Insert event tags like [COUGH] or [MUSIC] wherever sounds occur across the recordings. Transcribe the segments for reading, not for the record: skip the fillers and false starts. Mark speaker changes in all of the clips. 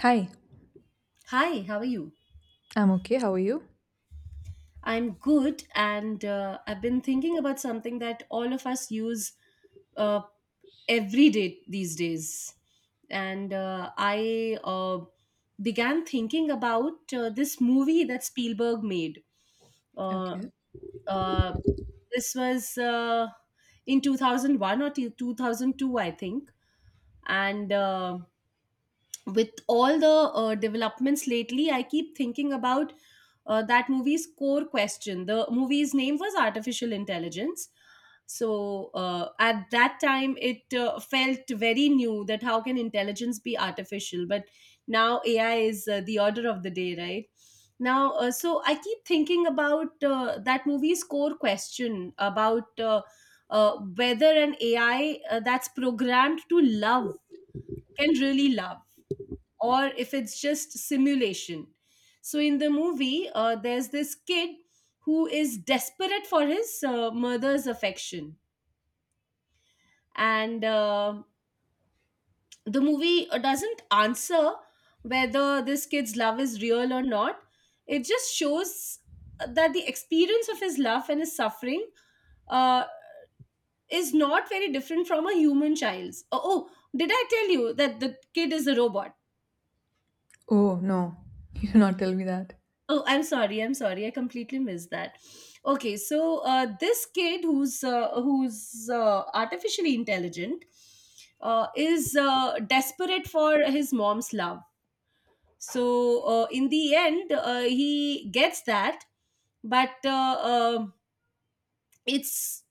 Speaker 1: Hi,
Speaker 2: Hi, how are you?
Speaker 1: I'm okay. How are you?
Speaker 2: I'm good, and I've been thinking about something that all of us use uh, every day these days. And I began thinking about this movie that Spielberg made. Uh,
Speaker 1: Okay.
Speaker 2: uh, this was in 2001 or 2002, I think. And With all the developments lately, I keep thinking about that movie's core question. The movie's name was Artificial Intelligence. So at that time, it felt very new that how can intelligence be artificial? But now AI is the order of the day, right? Now so I keep thinking about that movie's core question about whether an AI that's programmed to love can really love, or if it's just simulation. So in the movie, there's this kid who is desperate for his mother's affection, and the movie doesn't answer whether this kid's love is real or not. It just shows that the experience of his love and his suffering uh, is not very different from a human child's. Oh, oh, did I tell you that the kid is a robot?
Speaker 1: Oh, no. [LAUGHS] You did not tell me that.
Speaker 2: Oh, I'm sorry. I'm sorry. I completely missed that. Okay, so this kid who's artificially intelligent is desperate for his mom's love. So in the end, he gets that, but it's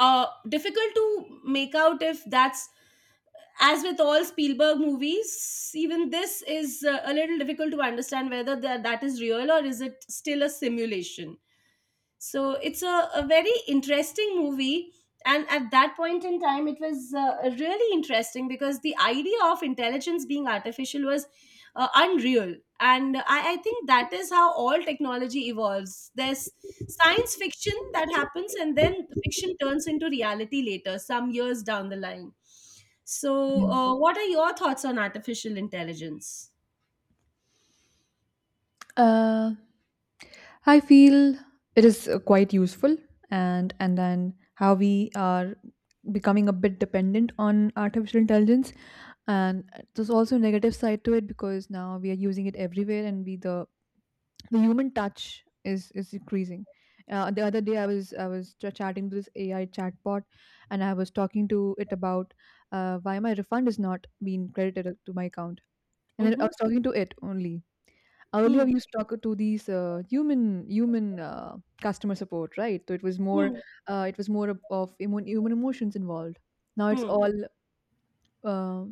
Speaker 2: difficult to make out if that's, as with all Spielberg movies, even this is a little difficult to understand whether that is real or is it still a simulation. So it's a very interesting movie. And at that point in time, it was really interesting because the idea of intelligence being artificial was unreal. And I think that is how all technology evolves. There's science fiction that happens, and then fiction turns into reality later, some years down the line.
Speaker 1: Yeah.
Speaker 2: So, what are your thoughts on artificial intelligence?
Speaker 1: Uh, I feel it is quite useful, and then how we are becoming a bit dependent on artificial intelligence, and there's also a negative side to it because now we are using it everywhere, and we the human touch is increasing. The other day, chatting to this AI chatbot, and I was talking to it about why my refund is not being credited to my account. And then I
Speaker 2: Mm-hmm.
Speaker 1: was talking to it only. Earlier, we
Speaker 2: Hmm.
Speaker 1: used to talk to these human customer support, right?
Speaker 2: Hmm.
Speaker 1: It was more of human emotions involved. Now it's
Speaker 2: Hmm.
Speaker 1: all uh,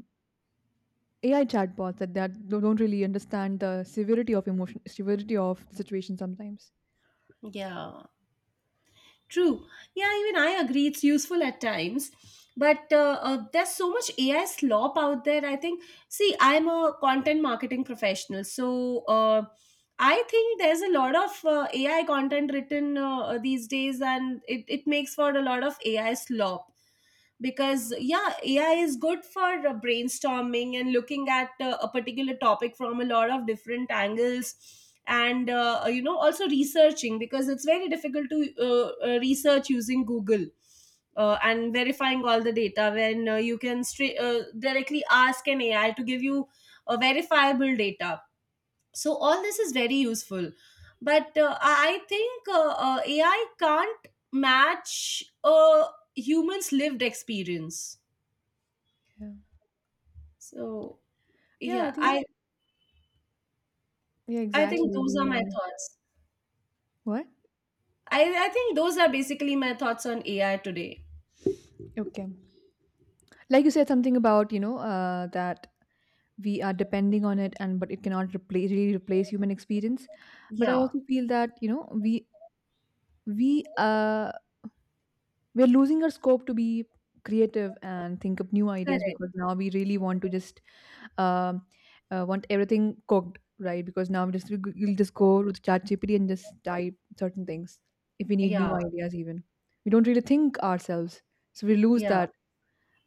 Speaker 1: AI chatbots that don't really understand the severity of emotion, severity of the situation sometimes.
Speaker 2: Hmm. Yeah. True. Yeah, even I agree it's useful at times. But there's so much AI slop out there. I think, see, I'm a content marketing professional. So, I think there's a lot of AI content written these days, and it makes for a lot of AI slop. Because, yeah, AI is good for brainstorming and looking at a particular topic from a lot of different angles, and, you know, also researching because it's very difficult to research using Google. And verifying all the data when you can directly ask an AI to give you verifiable data, so all this is very useful. But I think AI can't match a human's lived experience.
Speaker 1: Yeah.
Speaker 2: So
Speaker 1: Yeah, I
Speaker 2: yeah,
Speaker 1: think,
Speaker 2: i
Speaker 1: yeah,
Speaker 2: i
Speaker 1: exactly.
Speaker 2: think those are my
Speaker 1: We
Speaker 2: thoughts.
Speaker 1: what?
Speaker 2: I think those are basically my thoughts on AI today.
Speaker 1: Okay. Like you said something about, that we are depending on it, and but it cannot replace really replace human experience. But I
Speaker 2: Yeah,
Speaker 1: also feel that, we uh we're losing our scope to be creative and think up new ideas
Speaker 2: correct.
Speaker 1: because now we really want to just um, want everything cooked, right? Because now we'll just go to ChatGPT and just type certain things if we need new
Speaker 2: Yeah,
Speaker 1: ideas. Even we don't really think ourselves, so we lose
Speaker 2: yeah,
Speaker 1: that.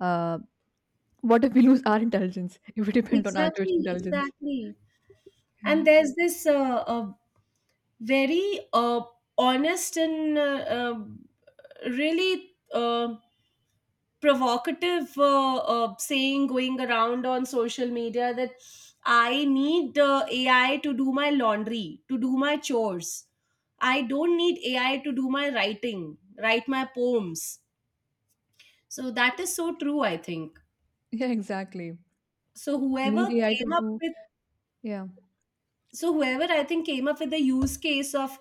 Speaker 1: Uh, what if we lose our intelligence if we depend on artificial
Speaker 2: exactly,
Speaker 1: intelligence?
Speaker 2: exactly.
Speaker 1: Yeah.
Speaker 2: And there's this very honest and really provocative saying going around on social media that I need AI to do my laundry, to do my chores. I don't need AI to do my writing, write my poems. So that is so true, I think.
Speaker 1: Yeah, exactly.
Speaker 2: So
Speaker 1: We need
Speaker 2: whoever
Speaker 1: AI to
Speaker 2: came up
Speaker 1: do.
Speaker 2: with,
Speaker 1: Yeah,
Speaker 2: so whoever I think came up with the use case of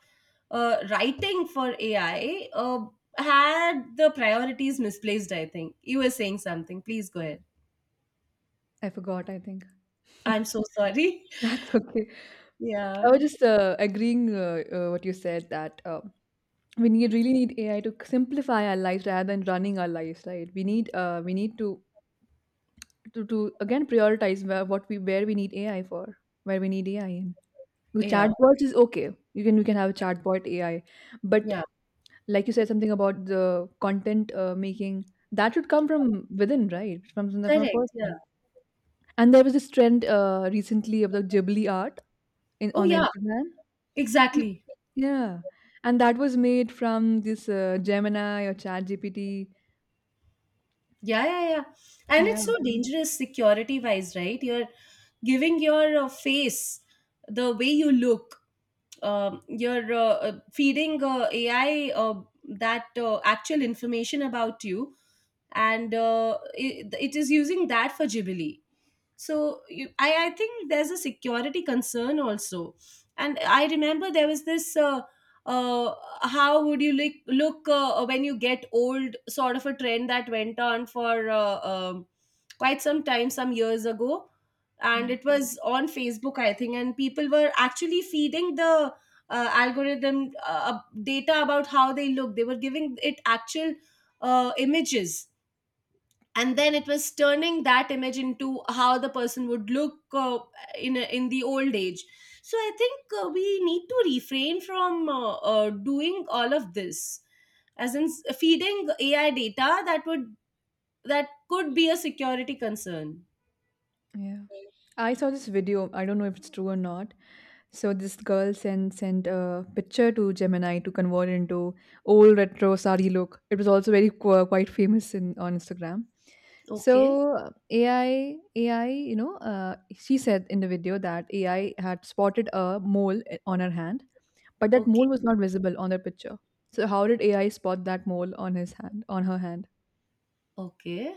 Speaker 2: writing for AI had the priorities misplaced, I think. You were saying something. Please go ahead.
Speaker 1: I forgot, I think.
Speaker 2: I'm so sorry.
Speaker 1: [LAUGHS] That's okay.
Speaker 2: [LAUGHS]
Speaker 1: I
Speaker 2: Yeah.
Speaker 1: was just agreeing, what you said, that we need really need AI to simplify our lives rather than running our lives, right? We need to again prioritize where we need AI for, where we need AI in. The
Speaker 2: Yeah,
Speaker 1: chatbots is okay. You can have a chatbot AI, but
Speaker 2: yeah,
Speaker 1: like you said something about the content, making that should come from within, right? From a
Speaker 2: correct.
Speaker 1: person.
Speaker 2: Yeah.
Speaker 1: And there was this trend recently of the Ghibli art in
Speaker 2: Oh,
Speaker 1: on the
Speaker 2: yeah,
Speaker 1: Instagram. Peop-
Speaker 2: exactly.
Speaker 1: Yeah, and that was made from this Gemini or ChatGPT.
Speaker 2: Yeah, yeah, yeah. And it's so
Speaker 1: Yeah.
Speaker 2: dangerous security wise, right? You're giving your face, the way you look, you're feeding AI that actual information about you, and it is using that for Ghibli. So you, I think there's a security concern also. And I remember there was this uh, how would you look when you get old, sort of a trend that went on for quite some time some years ago,
Speaker 1: Yeah,
Speaker 2: and it was on Facebook, I think, and people were actually feeding the algorithm data about how they look. They were giving it actual images, and then it was turning that image into how the person would look in the old age. So I think we need to refrain from doing all of this, as in feeding AI data that would, that could be a security concern.
Speaker 1: yeah. I saw this video. I don't know if it's true or not. So this girl sent a picture to Gemini to convert into old retro sari look. It was also very quite famous in on Instagram. So
Speaker 2: Okay.
Speaker 1: uh, AI AI, you know, uh, she said in the video that AI had spotted a mole on her hand, but that mole
Speaker 2: Okay.
Speaker 1: was not visible on the picture. So how did AI spot that mole on her hand?
Speaker 2: Okay.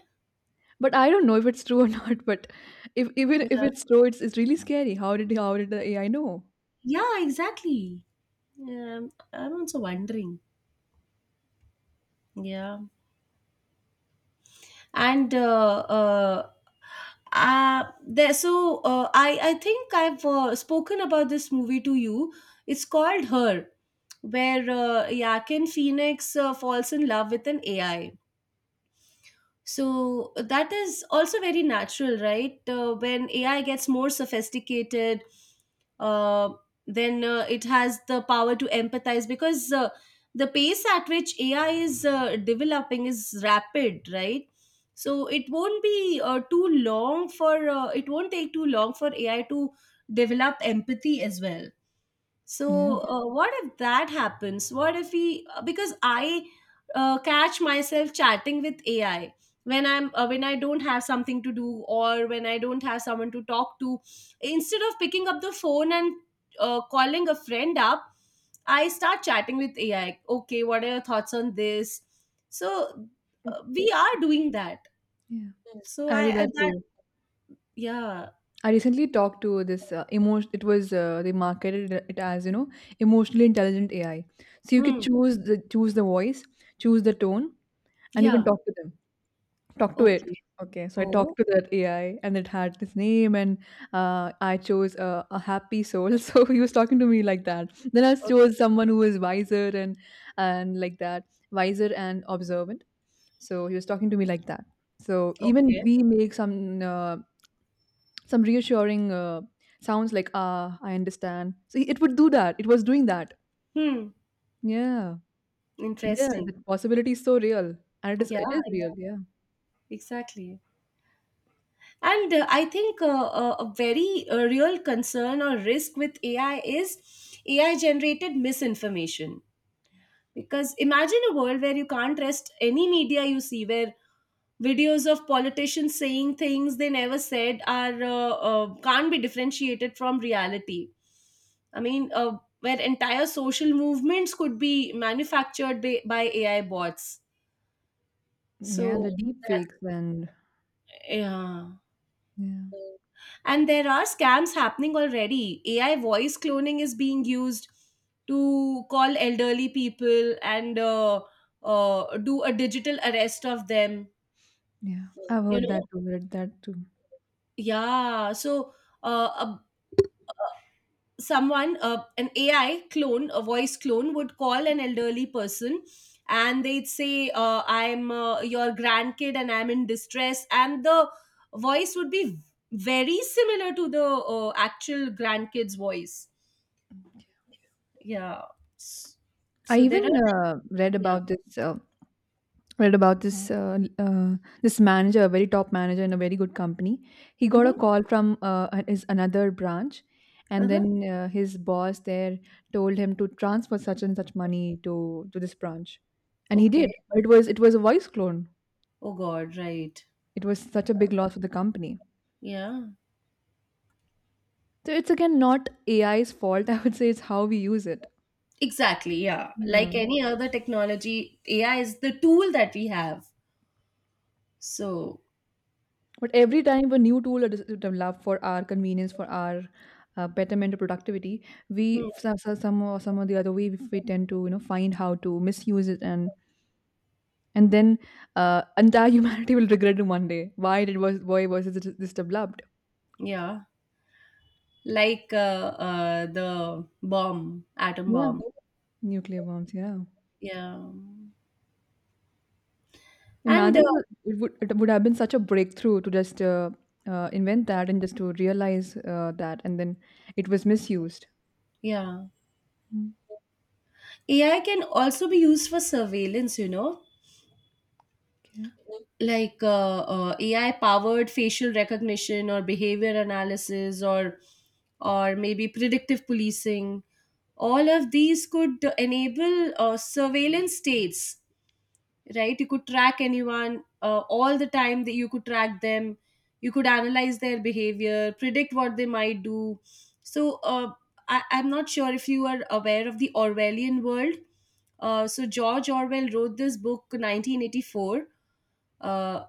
Speaker 1: But I don't know if it's true or [LAUGHS] not. But if even if
Speaker 2: Yeah,
Speaker 1: it's true, it's really scary. How did the AI know?
Speaker 2: yeah, exactly. Um, I'm also wondering. Yeah. And there, so I think i've spoken about this movie to you. It's called Her, where Joaquin Phoenix falls in love with an AI. So that is also very natural, right? When AI gets more sophisticated, uh, then it has the power to empathize because the pace at which AI is developing is rapid, right? So it won't be too long for, it won't take too long for AI to develop empathy as well.
Speaker 1: Yeah.
Speaker 2: So, what if that happens? What if we, because I catch myself chatting with AI when I'm when I don't have something to do, or when I don't have someone to talk to, instead of picking up the phone and calling a friend up, I start chatting with AI. Okay, what are your thoughts on this? So,
Speaker 1: Mm.
Speaker 2: we are doing that.
Speaker 1: Yeah,
Speaker 2: So
Speaker 1: I do
Speaker 2: I
Speaker 1: that
Speaker 2: that
Speaker 1: too.
Speaker 2: yeah.
Speaker 1: I recently talked to this emotion. It was, they marketed it as, emotionally intelligent AI. So you could
Speaker 2: Hmm.
Speaker 1: choose the voice, choose the tone, and you can
Speaker 2: Yeah,
Speaker 1: talk to them. Talk to it.
Speaker 2: okay,
Speaker 1: Okay, so I talked
Speaker 2: oh,
Speaker 1: to that AI, and it had this name, and I chose a happy soul. [LAUGHS] So he was talking to me like that. Then I
Speaker 2: okay,
Speaker 1: chose someone who was wiser, and like that, wiser and observant. So he was talking to me like that. So even
Speaker 2: okay.
Speaker 1: we make some reassuring sounds like, ah, I understand. So it would do that. It was doing that.
Speaker 2: Hmm,
Speaker 1: Yeah. So yeah,
Speaker 2: interesting.
Speaker 1: the possibility is so real, and it
Speaker 2: Yeah,
Speaker 1: is it is real.
Speaker 2: yeah,
Speaker 1: Yeah.
Speaker 2: exactly. And I think a very real concern or risk with AI is AI generated misinformation. Because imagine a world where you can't trust any media you see, where videos of politicians saying things they never said are can't be differentiated from reality. I mean, where entire social movements could be manufactured by, AI bots.
Speaker 1: Yeah,
Speaker 2: So
Speaker 1: the deep
Speaker 2: that,
Speaker 1: fakes and
Speaker 2: yeah.
Speaker 1: yeah.
Speaker 2: And there are scams happening already. AI voice cloning is being used to call elderly people and do a digital arrest of them.
Speaker 1: Yeah, I've
Speaker 2: You
Speaker 1: heard
Speaker 2: know,
Speaker 1: that too. Read that too.
Speaker 2: yeah. So uh, a someone an AI clone, a voice clone would call an elderly person and they'd say, I'm your grandkid and I'm in distress, and the voice would be very similar to the actual grandkid's voice. Yeah. S-
Speaker 1: I
Speaker 2: so there
Speaker 1: even
Speaker 2: are
Speaker 1: read
Speaker 2: yeah.
Speaker 1: about this. Read about this. Uh, uh, this manager, a very top manager in a very good company. He got a
Speaker 2: Hmm.
Speaker 1: call from his another branch, and
Speaker 2: Uh-huh.
Speaker 1: then his boss there told him to transfer such and such money to this branch, and he
Speaker 2: Okay.
Speaker 1: did. But it was a voice clone.
Speaker 2: Oh god, right.
Speaker 1: It was such a big loss for the company.
Speaker 2: Yeah,
Speaker 1: So it's again not AI's fault. [LAUGHS] I would say it's how we use it.
Speaker 2: exactly. Yeah,
Speaker 1: Yeah.
Speaker 2: like any other technology, AI is the tool that we have. So
Speaker 1: But every time a new tool is developed for our convenience, for our betterment or productivity, we,
Speaker 2: hmm,
Speaker 1: some or the other way, we tend to find how to misuse it, and then entire [LAUGHS] humanity will regret it one day. Why was this developed?
Speaker 2: yeah. Like, the bomb, atom
Speaker 1: Yeah,
Speaker 2: bomb. Oh.
Speaker 1: nuclear bombs. Yeah,
Speaker 2: Yeah. And,
Speaker 1: imagine it would have been such a breakthrough to just invent that and just to realize, that, and then it was misused.
Speaker 2: yeah.
Speaker 1: Mm.
Speaker 2: AI can also be used for surveillance, you know?
Speaker 1: Okay.
Speaker 2: Mhm. Like AI powered facial recognition or behavior analysis, or maybe predictive policing. All of these could enable surveillance states, right? You could track anyone all the time, that you could track them. You could analyze their behavior, predict what they might do. So I'm not sure if you are aware of the Orwellian world. So George Orwell wrote this book 1984. Uh,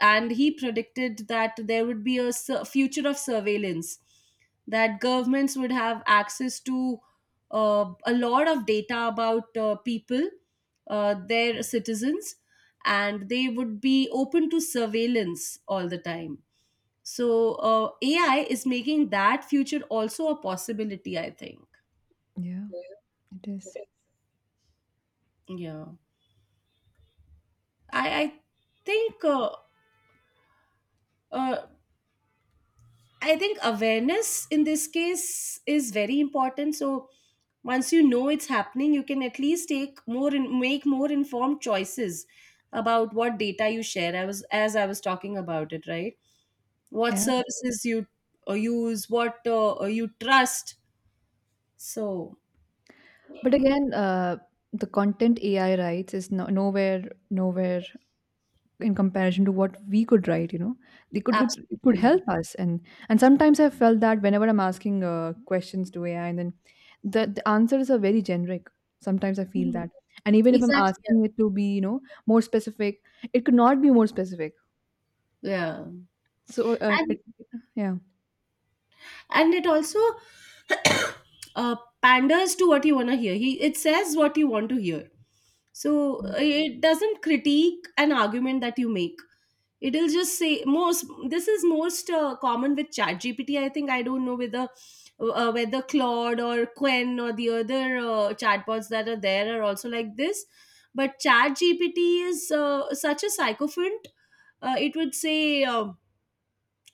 Speaker 2: and he predicted that there would be a future of surveillance, that governments would have access to a lot of data about people, their citizens, and they would be open to surveillance all the time. So AI is making that future also a possibility, I think.
Speaker 1: Yeah, it is.
Speaker 2: Yeah. i, I think uh, uh, I think awareness in this case is very important. So once you know it's happening, you can at least take more and make more informed choices about what data you share. I was, as I was talking about it, right? What
Speaker 1: Yeah.
Speaker 2: services you use, what you trust. So
Speaker 1: But again, the content AI writes is no, nowhere in comparison to what we could write. They
Speaker 2: absolutely,
Speaker 1: it could
Speaker 2: yeah.
Speaker 1: help us, and sometimes I felt that whenever I'm asking questions to AI, and then the answers are very generic. Sometimes I feel
Speaker 2: Mhm.
Speaker 1: that, and even if I'm
Speaker 2: Exactly, yeah.
Speaker 1: asking it to be, more specific, it could not be more specific.
Speaker 2: Yeah.
Speaker 1: So
Speaker 2: And
Speaker 1: it, yeah.
Speaker 2: and it also uh, panders to what you want to hear. He, it says what you want to hear. So it doesn't critique an argument that you make. It'll just say most, this is most common with ChatGPT. I think I don't know whether whether Claude or Quen or the other chatbots that are there are also like this. But ChatGPT is such a sycophant. It would say.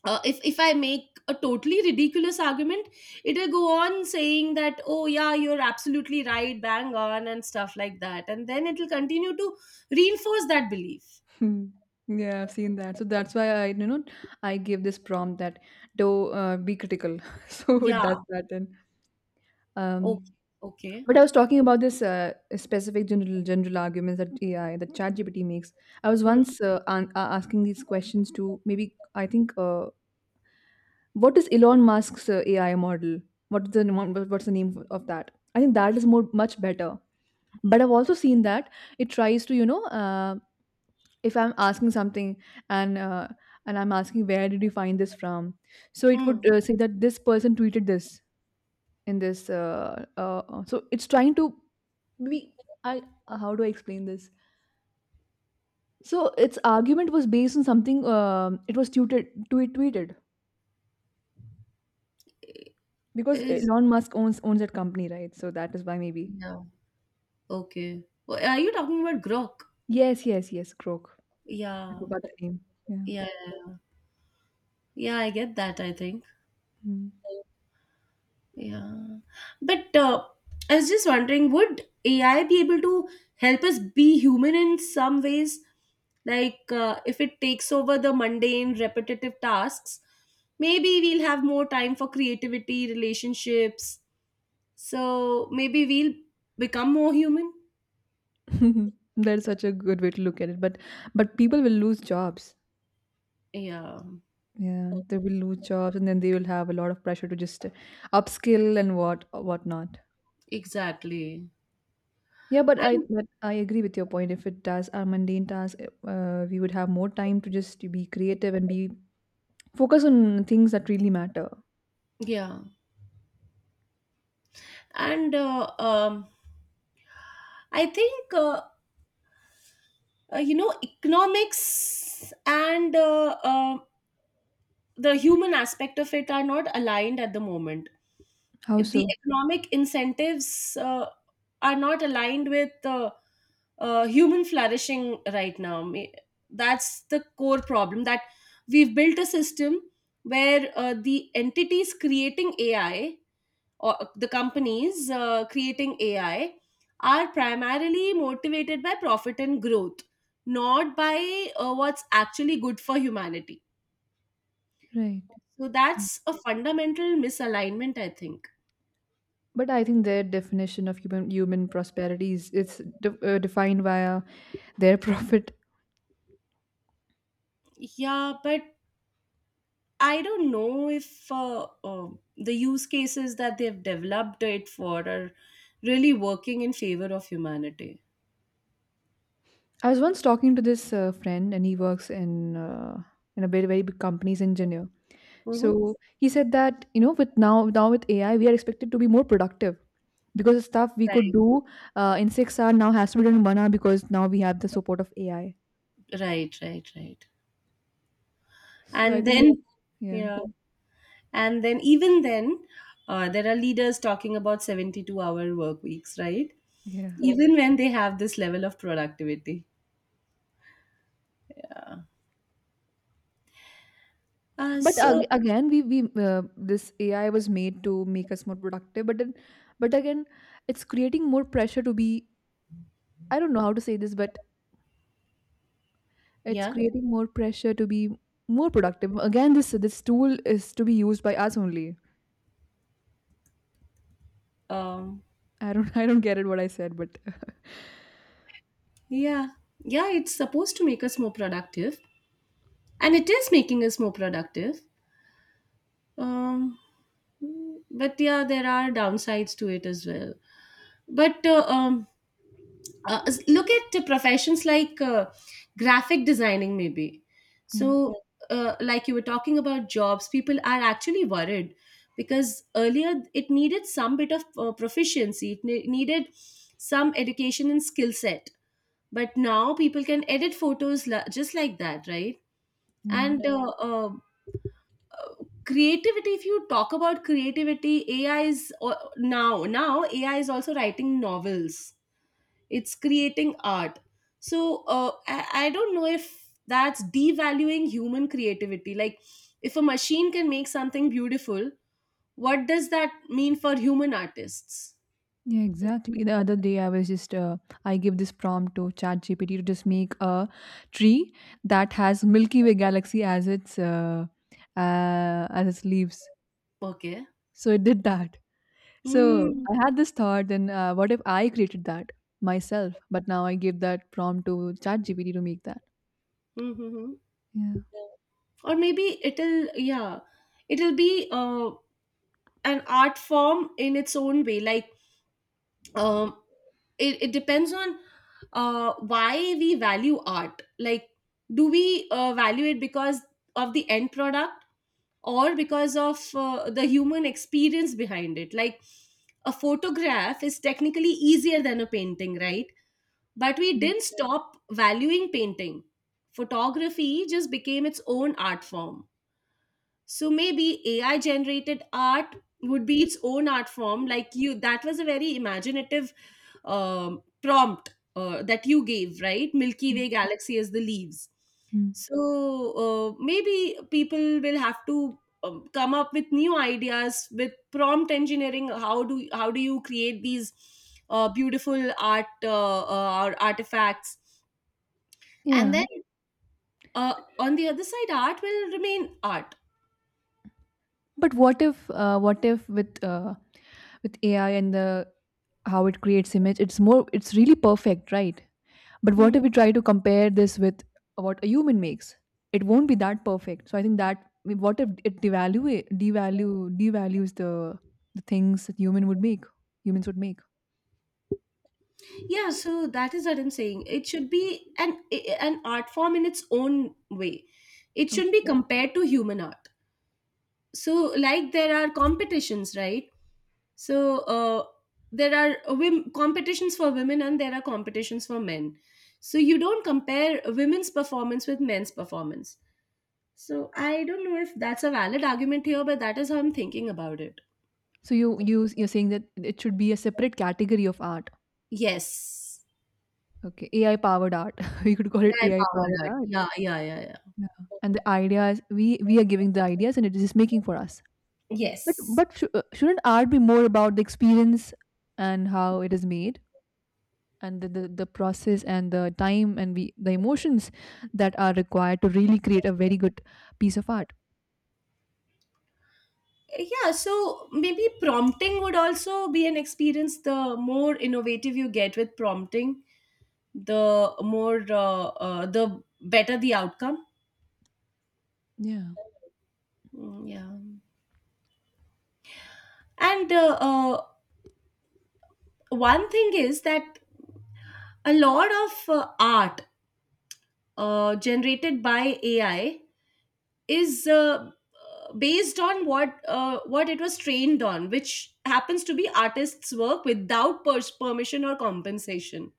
Speaker 2: If I make a totally ridiculous argument, it'll go on saying that oh yeah you're absolutely right, bang on and stuff like that, and then it'll continue to reinforce that belief.
Speaker 1: Hmm. Yeah, I've seen that. So that's why I give this prompt that, do be critical. [LAUGHS] So it does
Speaker 2: Yeah.
Speaker 1: that. And um,
Speaker 2: Okay. Okay.
Speaker 1: but I was talking about this specific general arguments that AI, that ChatGPT makes. I was once asking these questions to, maybe I think, what is Elon Musk's AI model? What's the name of that? I think that is more much better. But I've also seen that it tries to. If I'm asking something, and uh, and I'm asking, where did you find this from, so it
Speaker 2: Hmm.
Speaker 1: would say that this person tweeted this in this, so it's trying to be. I How do I explain this? So its argument was based on something, it was tweeted because
Speaker 2: Is
Speaker 1: Elon Musk owns that company, right? So that is why, maybe.
Speaker 2: yeah. Okay. Well, are you talking about Grok?
Speaker 1: Yes, yes, yes, croak. I
Speaker 2: Yeah.
Speaker 1: forgot the name. Yeah.
Speaker 2: Yeah. Yeah. Yeah, I get that, I think.
Speaker 1: Mm.
Speaker 2: Yeah. But I was just wondering, would AI be able to help us be human in some ways? Like if it takes over the mundane, repetitive tasks, maybe we'll have more time for creativity, relationships. So maybe we'll become more human.
Speaker 1: [LAUGHS] That's such a good way to look at it, but people will lose jobs.
Speaker 2: Yeah,
Speaker 1: Yeah, they will lose jobs, and then they will have a lot of pressure to just upskill and whatnot.
Speaker 2: exactly.
Speaker 1: Yeah, but I
Speaker 2: And
Speaker 1: but I agree with your point. If it does our mundane tasks, we would have more time to just be creative and be focus on things that really matter.
Speaker 2: yeah, and I think economics and the human aspect of it are not aligned at the moment.
Speaker 1: How
Speaker 2: The
Speaker 1: so?
Speaker 2: economic incentives are not aligned with human flourishing right now. That's the core problem, that we've built a system where the entities creating AI or the companies creating AI are primarily motivated by profit and growth, not by what's actually good for humanity,
Speaker 1: Right.
Speaker 2: so that's a fundamental misalignment, I think.
Speaker 1: But I think their definition of human prosperity is defined via their [LAUGHS] profit.
Speaker 2: Yeah, but I don't know if the use cases that they've developed it for are really working in favor of humanity.
Speaker 1: I was once talking to this friend, and he works in a very very big company's engineer.
Speaker 2: Hmm.
Speaker 1: So he said that, with now with AI we are expected to be more productive because the stuff we could
Speaker 2: Right,
Speaker 1: do in 6 hour now has to be done in 1 hour because now we have the support of AI.
Speaker 2: right, right, right.
Speaker 1: So I
Speaker 2: And
Speaker 1: think.
Speaker 2: then,
Speaker 1: Yeah,
Speaker 2: yeah, and then even then, there are leaders talking about 72-hour work weeks, right?
Speaker 1: yeah.
Speaker 2: Even when they have this level of productivity. Yeah. Uh,
Speaker 1: But
Speaker 2: so,
Speaker 1: again, we this AI was made to make us more productive, but then, but again, it's creating more pressure to be, I don't know how to say this, but it's
Speaker 2: yeah.
Speaker 1: creating more pressure to be more productive. Again, this tool is to be used by us only.
Speaker 2: Um,
Speaker 1: I don't [LAUGHS] I don't get it what I said, but
Speaker 2: yeah, yeah, it's supposed to make us more productive, and it is making us more productive. Um, but yeah, there are downsides to it as well. But uh, um, Look at the professions like graphic designing, maybe.
Speaker 1: yeah.
Speaker 2: So, like you were talking about jobs, people are actually worried because earlier it needed some bit of proficiency, it needed some education and skill set, but now people can edit photos just like that, right?
Speaker 1: Yeah.
Speaker 2: And creativity, if you talk about creativity, AI is now AI is also writing novels, it's creating art. So I don't know if that's devaluing human creativity. Like, if a machine can make something beautiful, what does that mean for human artists?
Speaker 1: Yeah, exactly. The other day, I was just I gave this prompt to ChatGPT to just make a tree that has Milky Way galaxy as uh, its leaves.
Speaker 2: Okay.
Speaker 1: So it did that. So
Speaker 2: Mm.
Speaker 1: I had this thought, then, what if I created that myself? But now I gave that prompt to ChatGPT to make that.
Speaker 2: Mm-hmm.
Speaker 1: Yeah.
Speaker 2: Or maybe it'll, yeah, it'll be an art form in its own way. Like, um, it depends on why we value art. Like, do we value it because of the end product, or because of the human experience behind it? Like, a photograph is technically easier than a painting, right? But we
Speaker 1: Mm,
Speaker 2: didn't stop valuing painting. Photography just became its own art form. So maybe AI generated art would be its own art form. Like, you, that was a very imaginative prompt that you gave, right? Milky
Speaker 1: mm,
Speaker 2: Way galaxy as the leaves.
Speaker 1: mm.
Speaker 2: So maybe people will have to come up with new ideas with prompt engineering. How do you create these beautiful art artifacts? And then
Speaker 1: Yeah,
Speaker 2: on the other side, art will remain art.
Speaker 1: but what if with AI and the, how it creates image, it's really perfect, right? But what if we try to compare this with what a human makes? It won't be that perfect. So I think that, I mean, what if it devalue devalues the things that humans would make?
Speaker 2: Yeah, so that is what I'm saying. It should be an art form in its own way. It shouldn't be
Speaker 1: Okay.
Speaker 2: compared to human art. So, like there are competitions, right? So, there are competitions for women and there are competitions for men. So, you don't compare women's performance with men's performance. So, I don't know if that's a valid argument here, but that is how I'm thinking about it.
Speaker 1: So you're saying that it should be a separate category of art.
Speaker 2: Yes.
Speaker 1: Okay, AI powered art. [LAUGHS] We could call it
Speaker 2: Yeah, I
Speaker 1: AI
Speaker 2: powered
Speaker 1: powered
Speaker 2: art.
Speaker 1: art.
Speaker 2: Yeah, yeah, yeah, yeah.
Speaker 1: Yeah, and the ideas, we are giving the ideas and it is just making for us. But
Speaker 2: Yes.
Speaker 1: shouldn't art be more about the experience and how it is made and the process and the time and we, the emotions that are required to really create a very good piece of art?
Speaker 2: Yeah, so maybe prompting would also be an experience. The more innovative you get with prompting, the more the better the outcome.
Speaker 1: Yeah.
Speaker 2: Mm, yeah. And one thing is that a lot of art generated by AI is based on what it was trained on, which happens to be artists work without permission or compensation,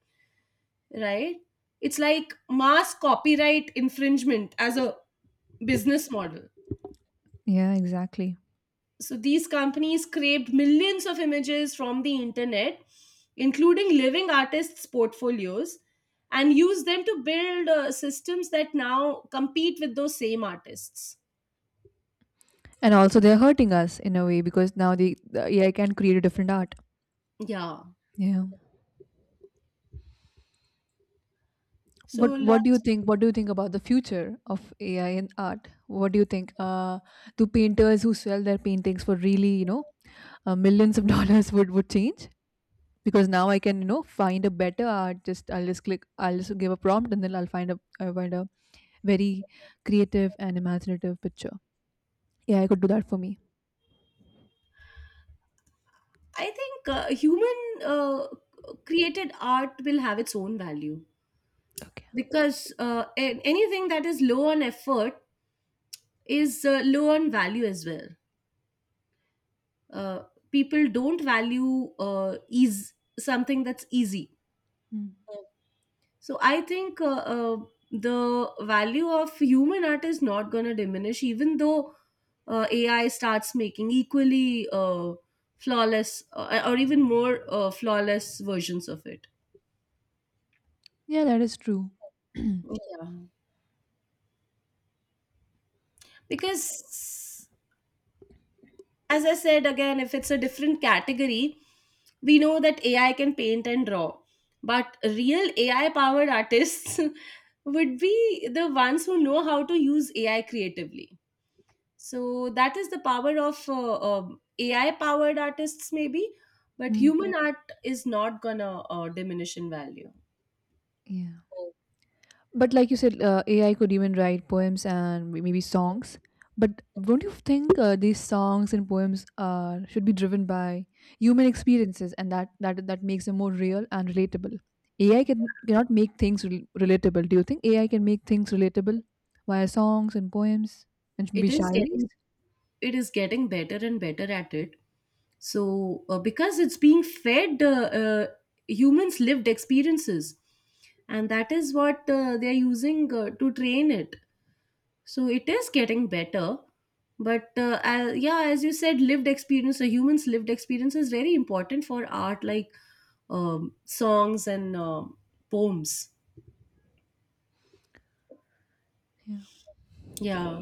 Speaker 2: right? It's like mass copyright infringement as a business model.
Speaker 1: Yeah, exactly.
Speaker 2: So these companies scraped millions of images from the internet, including living artists' portfolios, and used them to build systems that now compete with those same artists.
Speaker 1: And also they're hurting us in a way because now the AI can create a different art.
Speaker 2: Yeah.
Speaker 1: Yeah.
Speaker 2: So
Speaker 1: What
Speaker 2: lo-
Speaker 1: what do you think? What do you think about the future of AI and art? What do you think? Do painters who sell their paintings for really, millions of [LAUGHS] dollars would change? Because now I can, find a better art. Just I'll just click. I'll just give a prompt, and then I'll find a very creative and imaginative picture. Yeah, I could do that for me.
Speaker 2: I think human uh, created art will have its own value,
Speaker 1: Okay.
Speaker 2: because anything that is low on effort is low on value as well. uh, People don't value ease, something that's easy.
Speaker 1: Mm.
Speaker 2: So I think the value of human art is not going to diminish, even though AI starts making equally flawless or even more flawless versions of it.
Speaker 1: Yeah, that is true.
Speaker 2: Yeah, because, as I said again, if it's a different category, we know that AI can paint and draw, but real AI powered artists [LAUGHS] would be the ones who know how to use AI creatively. So that is the power of AI powered artists, maybe, but
Speaker 1: Mm.
Speaker 2: human art is not gonna diminish in value.
Speaker 1: Yeah. But like you said, AI could even write poems and maybe songs. But don't you think these songs and poems are should be driven by human experiences, and that makes them more real and relatable? AI cannot make things relatable. Do you think AI can make things relatable via songs and poems and maybe
Speaker 2: It is
Speaker 1: shairis?
Speaker 2: getting, it is getting better and better at it, so because it's being fed humans lived experiences, and that is what they are using to train it, so it is getting better. But yeah, as you said, lived experience, a humans lived experience is very important for art, like songs and um, poems.
Speaker 1: Yeah.
Speaker 2: Yeah.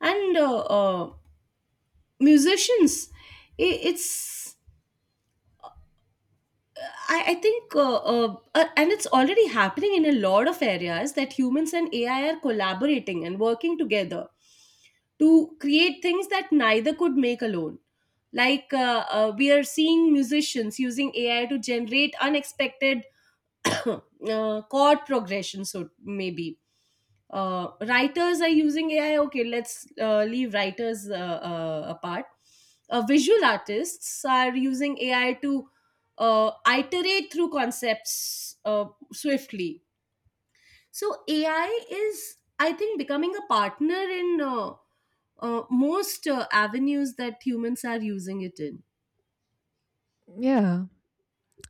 Speaker 2: And musicians, i it's I think, and it's already happening in a lot of areas that humans and AI are collaborating and working together to create things that neither could make alone. Like we are seeing musicians using AI to generate unexpected [COUGHS] chord progression. So maybe writers are using AI, okay, let's leave writers apart. Visual artists are using AI to uh, iterate through concepts uh, swiftly. So AI is, I think, becoming a partner in most avenues that humans are using it in.
Speaker 1: Yeah.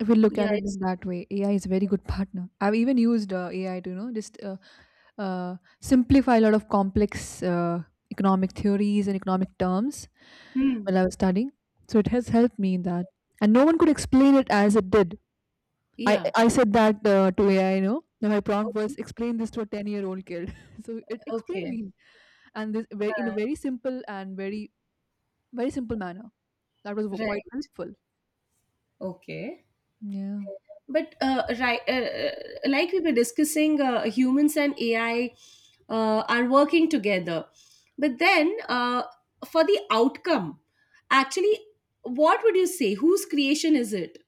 Speaker 1: If we look at
Speaker 2: Yeah,
Speaker 1: it in
Speaker 2: it's.
Speaker 1: that way, AI is a very good partner. I've even used AI to, just simplify a lot of complex economic theories and economic terms
Speaker 2: Hmm,
Speaker 1: while I was studying. So it has helped me in that. And no one could explain it as it did. I,
Speaker 2: yeah,
Speaker 1: I said that, to AI. Now my prompt was,
Speaker 2: okay,
Speaker 1: explain this to a 10-year-old kid. [LAUGHS] So it explained
Speaker 2: okay.
Speaker 1: me. And this very, in a
Speaker 2: Uh,
Speaker 1: very simple and very, very simple manner. That was quite
Speaker 2: right
Speaker 1: helpful.
Speaker 2: okay
Speaker 1: Yeah.
Speaker 2: but uh, right, uh, uh, like we were discussing, humans and AI are working together. But then, for the outcome, actually, what would you say? Whose creation is it?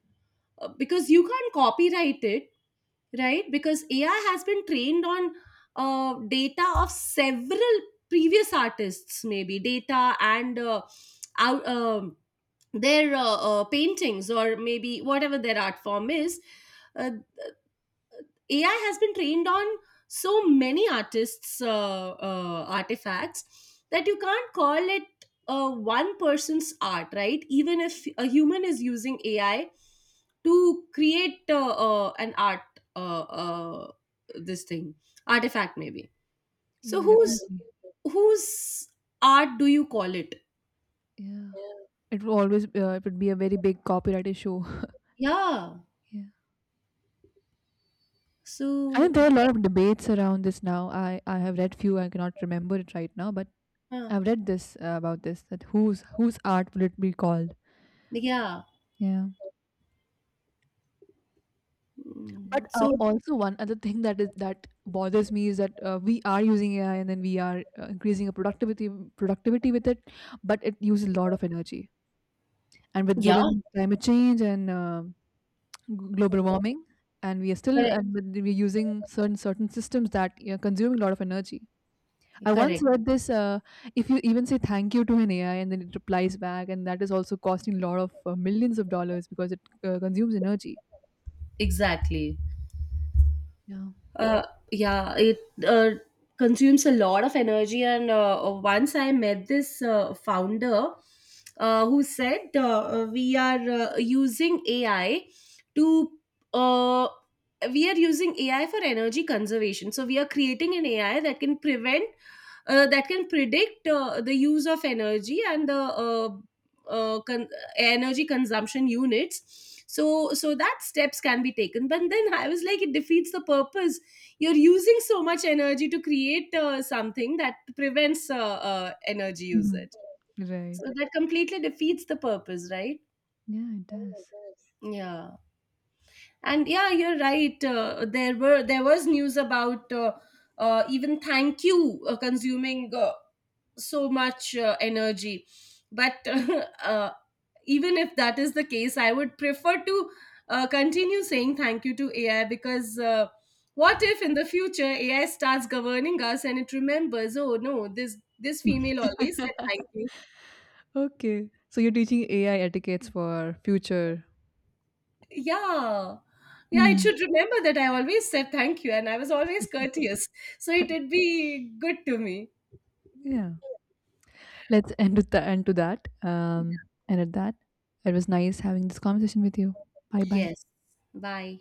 Speaker 2: Because you can't copyright it, right? Because AI has been trained on data of several previous artists, maybe data and out, um their paintings or maybe whatever their art form is. Uh, AI has been trained on so many artists' artifacts, that you can't call it one person's art, right? Even if a human is using AI to create an art, uh, uh, this thing, artifact maybe. So
Speaker 1: Yeah,
Speaker 2: whose,
Speaker 1: definitely.
Speaker 2: whose art do you call it?
Speaker 1: Yeah. It will always It would be a very big copyright issue.
Speaker 2: Yeah.
Speaker 1: Yeah. I think
Speaker 2: So
Speaker 1: there are a lot of debates around this now. I have read few. I cannot remember it right now, but
Speaker 2: yeah,
Speaker 1: I've read this, about this, that whose art will it be called?
Speaker 2: yeah.
Speaker 1: Yeah.
Speaker 2: Mm,
Speaker 1: But
Speaker 2: so
Speaker 1: also one other thing that bothers me is that we are using AI and then we are increasing our productivity with it, but it uses a lot of energy. And with,
Speaker 2: yeah,
Speaker 1: given climate change and global warming, and we are still
Speaker 2: correct,
Speaker 1: and but we're using certain systems that, consuming a lot of energy. I once
Speaker 2: correct,
Speaker 1: read this, if you even say thank you to an AI and then it replies back, and that is also costing a lot of millions of dollars because it consumes energy.
Speaker 2: exactly.
Speaker 1: Yeah.
Speaker 2: Uh, yeah, it uh, consumes a lot of energy. And once I met this founder who said we are using AI to, uh, we are using AI for energy conservation. So we are creating an AI that can prevent that can predict the use of energy and the uh, con- energy consumption units, so so that steps can be taken. But then I was like, it defeats the purpose. You're using so much energy to create something that prevents energy
Speaker 1: Mhm.
Speaker 2: usage. So
Speaker 1: Right.
Speaker 2: that completely defeats the purpose, right?
Speaker 1: Yeah, it does.
Speaker 2: Yeah. And yeah, you're right, there was news about even thank you consuming so much energy. But [LAUGHS] uh, even if that is the case, I would prefer to continue saying thank you to AI, because what if in the future AI starts governing us and it remembers, oh no, this female always said thank you.
Speaker 1: Okay, so you're teaching AI etiquettes for future.
Speaker 2: Yeah. Yeah, it
Speaker 1: Mm.
Speaker 2: should remember that I always said thank you and I was always courteous. So it would
Speaker 1: [LAUGHS]
Speaker 2: be good to me.
Speaker 1: Yeah, let's end with the end to that, and at that. It was nice having this conversation with you. Bye bye.
Speaker 2: Yes. Bye.